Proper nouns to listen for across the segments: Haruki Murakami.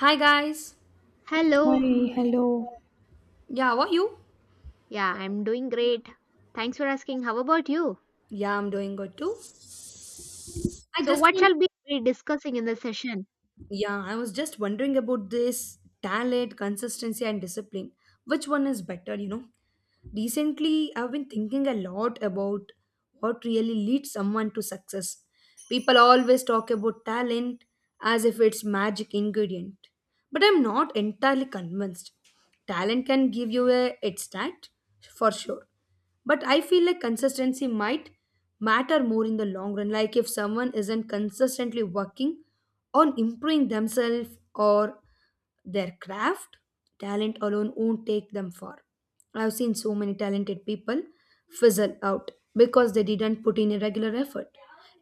Hi guys. Hi, Hello. hello. Yeah, how are you? Yeah, I'm doing great. Thanks for asking. How about you? Yeah, I'm doing good too. I So, just what want. shall we be discussing in this session? Yeah, I was just wondering about this talent, consistency and discipline. Which one is better, you know? Recently, I've been thinking a lot about what really leads someone to success. People always talk about talent as if it's magic ingredient, but I'm not entirely convinced. Talent can give you a head start for sure, but I feel like consistency might matter more in the long run. Like if someone isn't consistently working on improving themselves or their craft, talent alone won't take them far. I've seen so many talented people fizzle out because they didn't put in a regular effort.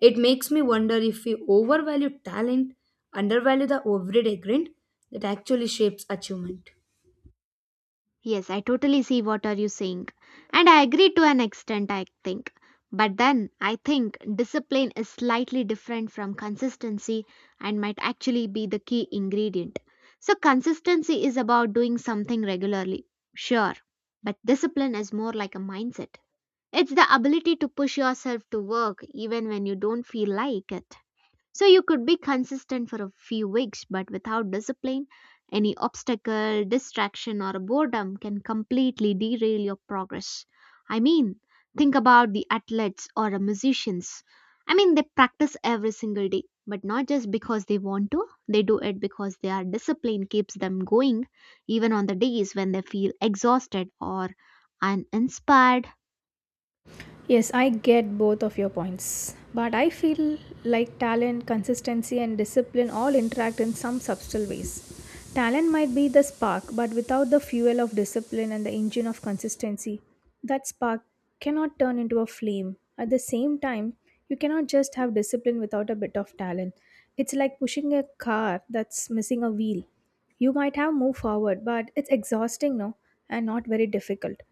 It makes me wonder if we overvalue talent, undervalue the everyday grind that actually shapes achievement. Yes, I totally see what are you saying. And I agree to an extent, I think. But then I think discipline is slightly different from consistency and might actually be the key ingredient. So consistency is about doing something regularly. Sure. But discipline is more like a mindset. It's the ability to push yourself to work even when you don't feel like it. So you could be consistent for a few weeks, but without discipline, any obstacle, distraction, or boredom can completely derail your progress. I mean, think about the athletes or the musicians. I mean, they practice every single day, but not just because they want to, they do it because their discipline keeps them going, even on the days when they feel exhausted or uninspired. Yes, I get both of your points, but I feel like talent, consistency, and discipline all interact in some subtle ways. Talent might be the spark, but without the fuel of discipline and the engine of consistency, that spark cannot turn into a flame. At the same time, you cannot just have discipline without a bit of talent. It's like pushing a car that's missing a wheel. You might have moved forward, but it's exhausting, no, and not very difficult.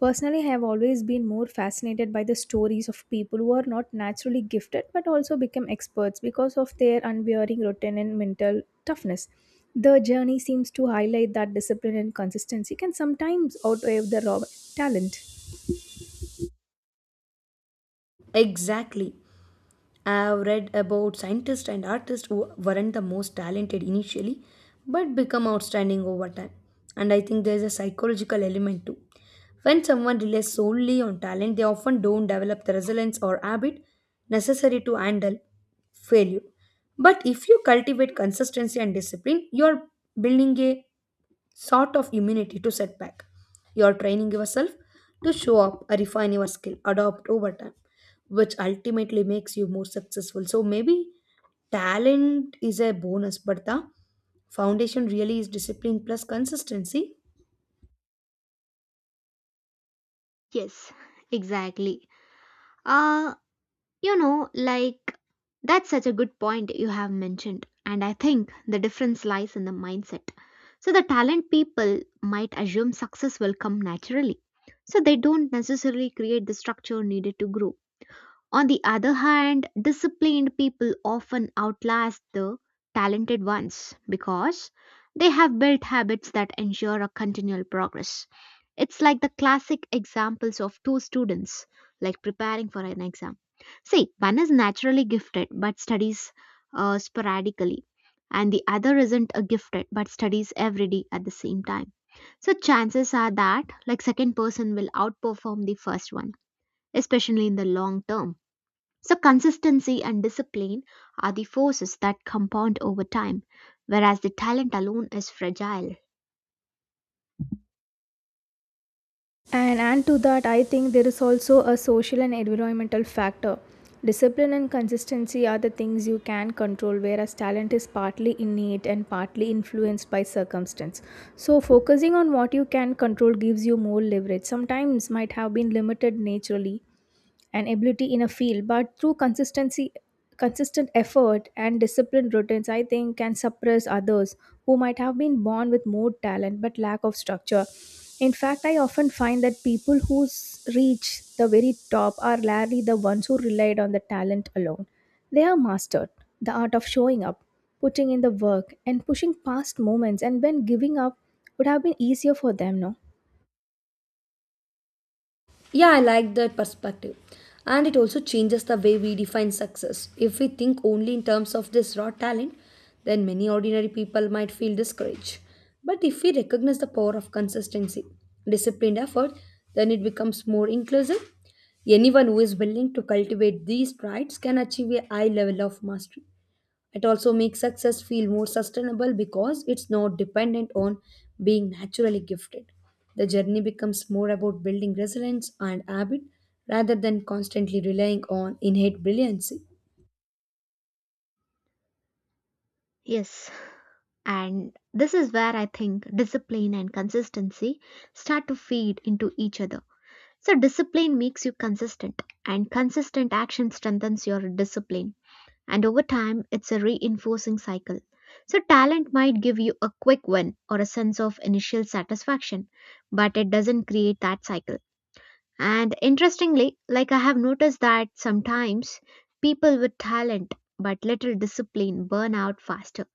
Personally, I have always been more fascinated by the stories of people who are not naturally gifted but also become experts because of their unwearying routine and mental toughness. The journey seems to highlight that discipline and consistency can sometimes outweigh the raw talent. Exactly. I've read about scientists and artists who weren't the most talented initially but become outstanding over time. And I think there's a psychological element too. When someone relies solely on talent, they often don't develop the resilience or habit necessary to handle failure. But if you cultivate consistency and discipline, you're building a sort of immunity to setback. You're training yourself to show up, refine your skill, adopt over time, which ultimately makes you more successful. So maybe talent is a bonus, but the foundation really is discipline plus consistency. Yes, exactly. Uh, You know, like that's such a good point you have mentioned, and I think the difference lies in the mindset. So, the talent people might assume success will come naturally, so they don't necessarily create the structure needed to grow. On the other hand, disciplined people often outlast the talented ones because they have built habits that ensure a continual progress. It's like the classic examples of two students, like preparing for an exam. See, one is naturally gifted but studies sporadically, and the other isn't a gifted but studies every day at the same time. So chances are that like second person will outperform the first one, especially in the long term. So consistency and discipline are the forces that compound over time, whereas the talent alone is fragile. And add to that, I think there is also a social and environmental factor. Discipline and consistency are the things you can control, whereas talent is partly innate and partly influenced by circumstance. So, focusing on what you can control gives you more leverage. Sometimes might have been limited naturally, and ability in a field, but through consistency consistent effort and disciplined routines, I think, can suppress others who might have been born with more talent but lack of structure. In fact, I often find that people reach the very top are rarely the ones who relied on the talent alone. They are mastered the art of showing up, putting in the work, and pushing past moments and when giving up would have been easier for them, no? Yeah, I like that perspective. And it also changes the way we define success. If we think only in terms of this raw talent, then many ordinary people might feel discouraged. But if we recognize the power of consistency, disciplined effort, then it becomes more inclusive. Anyone who is willing to cultivate these traits can achieve a high level of mastery. It also makes success feel more sustainable because it's not dependent on being naturally gifted. The journey becomes more about building resilience and habit rather than constantly relying on innate brilliancy. Yes. And this is where I think discipline and consistency start to feed into each other. So, discipline makes you consistent, and consistent action strengthens your discipline. And over time, it's a reinforcing cycle. So, talent might give you a quick win or a sense of initial satisfaction, but it doesn't create that cycle. And interestingly, like I have noticed that sometimes people with talent but little discipline burn out faster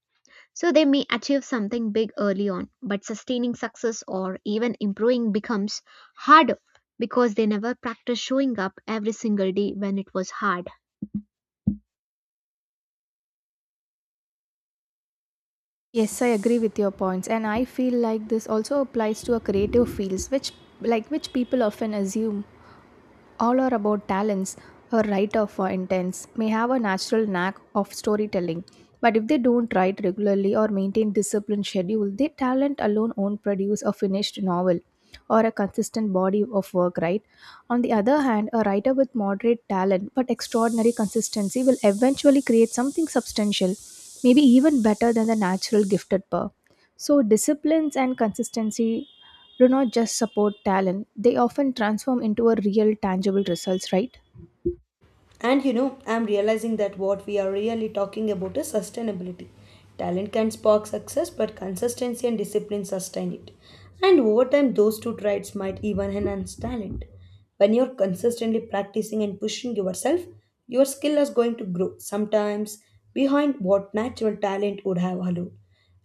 so they may achieve something big early on, but sustaining success or even improving becomes harder because they never practice showing up every single day when it was hard. Yes, I agree with your points, and I feel like this also applies to our creative fields, which people often assume all are about talents, or writer for intents may have a natural knack of storytelling, but if they don't write regularly or maintain disciplined schedule, their talent alone won't produce a finished novel or a consistent body of work, right? On the other hand, a writer with moderate talent but extraordinary consistency will eventually create something substantial, maybe even better than the natural gifted pair. So disciplines and consistency do not just support talent, they often transform into a real tangible results, right? And you know, I'm realizing that what we are really talking about is sustainability. Talent can spark success, but consistency and discipline sustain it. And over time, those two traits might even enhance talent. When you're consistently practicing and pushing yourself, your skill is going to grow, sometimes behind what natural talent would have allowed.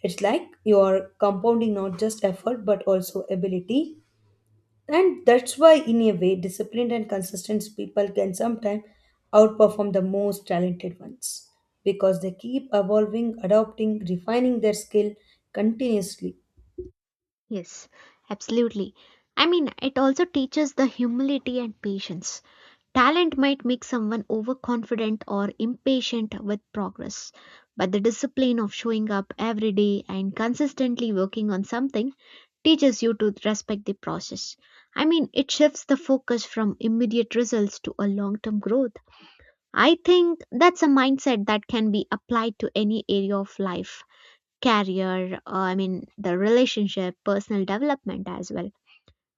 It's like you're compounding not just effort but also ability, and that's why, in a way, disciplined and consistent people can sometimes outperform the most talented ones because they keep evolving, adopting, refining their skill continuously. Yes, absolutely. I mean, it also teaches the humility and patience. Talent might make someone overconfident or impatient with progress, but the discipline of showing up every day and consistently working on something teaches you to respect the process. I mean, it shifts the focus from immediate results to a long term growth. I think that's a mindset that can be applied to any area of life career, I mean, the relationship, personal development as well.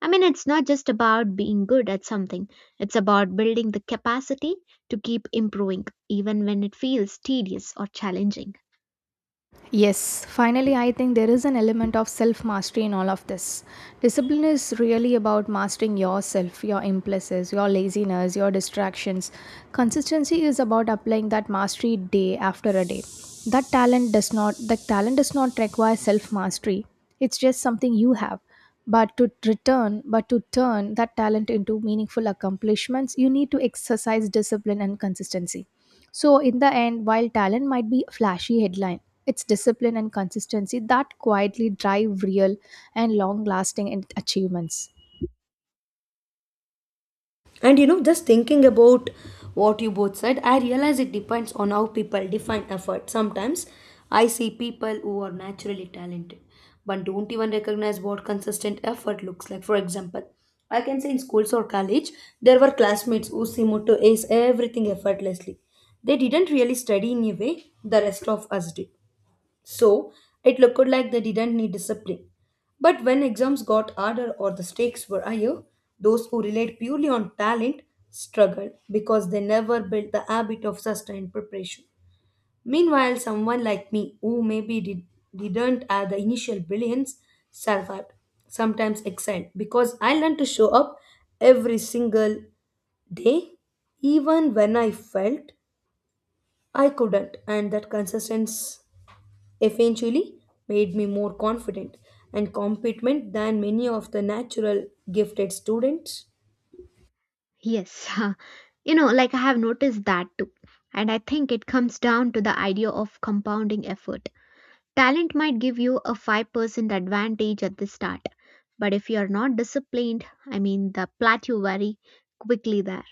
I mean, it's not just about being good at something, it's about building the capacity to keep improving, even when it feels tedious or challenging. Yes, finally, I think there is an element of self mastery in all of this. Discipline is really about mastering yourself, your impulses, your laziness, your distractions. Consistency is about applying that mastery day after a day. That talent does not require self mastery. It's just something you have. But to turn that talent into meaningful accomplishments, you need to exercise discipline and consistency. So, in the end, while talent might be a flashy headline, it's discipline and consistency that quietly drive real and long lasting achievements. And you know, just thinking about what you both said, I realize it depends on how people define effort. Sometimes I see people who are naturally talented but don't even recognize what consistent effort looks like. For example, I can say in schools or college, there were classmates who seemed to ace everything effortlessly. They didn't really study in a way the rest of us did. So it looked like they didn't need discipline. But when exams got harder or the stakes were higher, those who relied purely on talent struggled because they never built the habit of sustained preparation. Meanwhile, someone like me, who didn't have the initial brilliance, survived, sometimes excelled, because I learned to show up every single day, even when I felt I couldn't, and that consistency eventually made me more confident and competent than many of the natural gifted students. Yes, you know, like I have noticed that too. And I think it comes down to the idea of compounding effort. Talent might give you a 5% advantage at the start, but if you are not disciplined, I mean, the plateau very quickly there.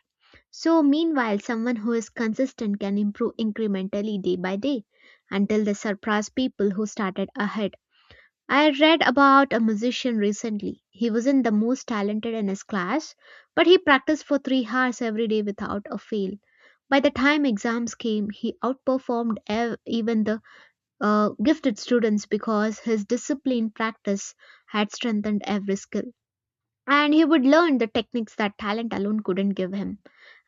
So, meanwhile, someone who is consistent can improve incrementally day by day until they surpass people who started ahead. I read about a musician recently. He wasn't the most talented in his class, but he practiced for 3 hours every day without a fail. By the time exams came, he outperformed even the gifted students because his disciplined practice had strengthened every skill and he would learn the techniques that talent alone couldn't give him.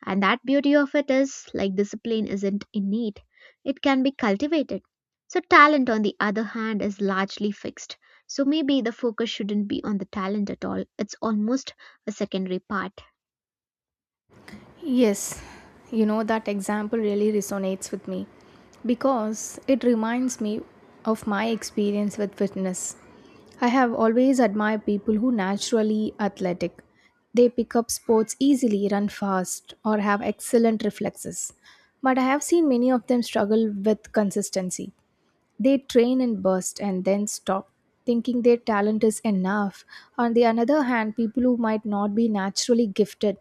And that beauty of it is like discipline isn't innate, it can be cultivated. So, talent, on the other hand, is largely fixed. So, maybe the focus shouldn't be on the talent at all. It's almost a secondary part. Yes, you know, that example really resonates with me because it reminds me of my experience with fitness. I have always admired people who naturally athletic. They pick up sports easily, run fast, or have excellent reflexes. But I have seen many of them struggle with consistency. They train and burst and then stop, thinking their talent is enough. On the other hand, people who might not be naturally gifted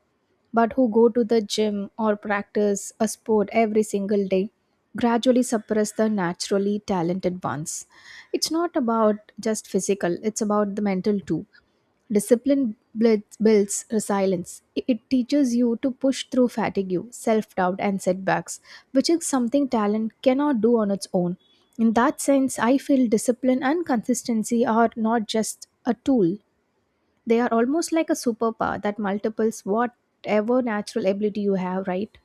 but who go to the gym or practice a sport every single day gradually suppress the naturally talented ones. It's not about just physical, it's about the mental too. Discipline builds resilience. It teaches you to push through fatigue, self doubt, and setbacks, which is something talent cannot do on its own. In that sense, I feel discipline and consistency are not just a tool, they are almost like a superpower that multiples whatever natural ability you have, right?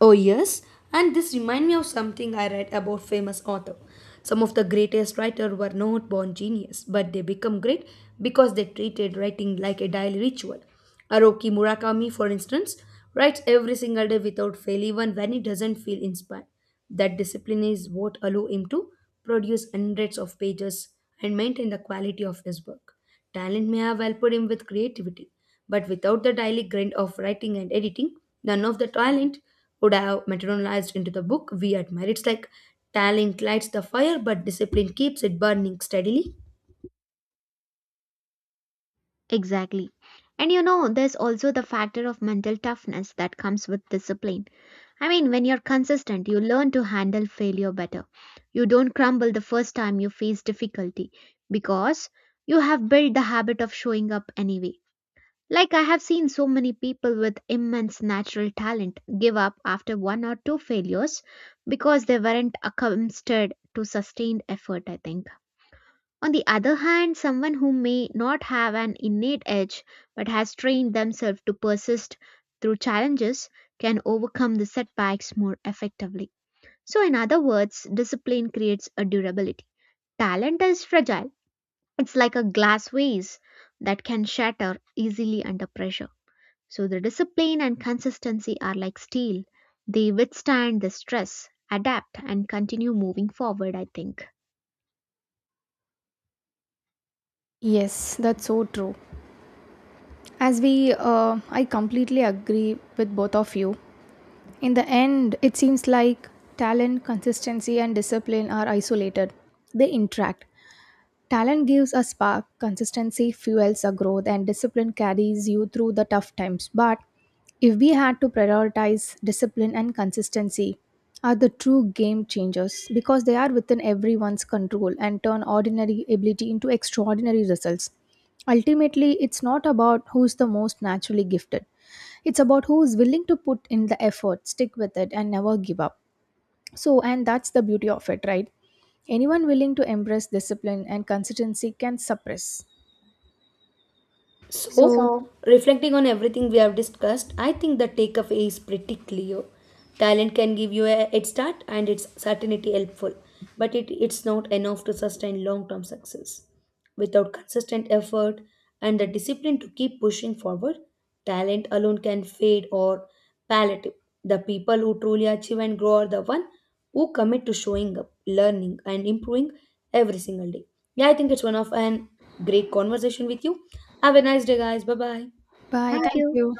Oh, yes, and this reminds me of something I read about famous author. Some of the greatest writers were not born genius, but they become great because they treated writing like a daily ritual. Haruki Murakami, for instance, writes every single day without fail, even when he doesn't feel inspired. That discipline is what allow him to produce hundreds of pages and maintain the quality of his work. Talent may have helped him with creativity, but without the daily grind of writing and editing, none of the talent would have materialized into the book we admire. It's like talent lights the fire, but discipline keeps it burning steadily. Exactly. And you know, there's also the factor of mental toughness that comes with discipline. I mean, when you're consistent, you learn to handle failure better. You don't crumble the first time you face difficulty because you have built the habit of showing up anyway. Like, I have seen so many people with immense natural talent give up after one or two failures because they weren't accustomed to sustained effort, I think. On the other hand, someone who may not have an innate edge but has trained themselves to persist through challenges can overcome the setbacks more effectively. So, in other words, discipline creates a durability. Talent is fragile, it's like a glass vase that can shatter easily under pressure. So, the discipline and consistency are like steel, they withstand the stress, adapt, and continue moving forward, I think. Yes, that's so true. I completely agree with both of you. In the end, it seems like talent, consistency, and discipline are isolated. They interact. Talent gives a spark, consistency fuels a growth, and discipline carries you through the tough times. But if we had to prioritize, discipline and consistency are the true game changers because they are within everyone's control and turn ordinary ability into extraordinary results. Ultimately, it's not about who's the most naturally gifted, it's about who is willing to put in the effort, stick with it, and never give up. So, and that's the beauty of it, right? Anyone willing to embrace discipline and consistency can suppress. So, So, So, reflecting on everything we have discussed, I think the takeaway is pretty clear. Talent can give you a head start and it's certainty helpful, but it's not enough to sustain long term success. Without consistent effort and the discipline to keep pushing forward, talent alone can fade or palliative. The people who truly achieve and grow are the one who commit to showing up, learning, and improving every single day. Yeah, I think it's one of an great conversation with you. Have a nice day, guys. Bye bye. bye. Thank Thank you. you.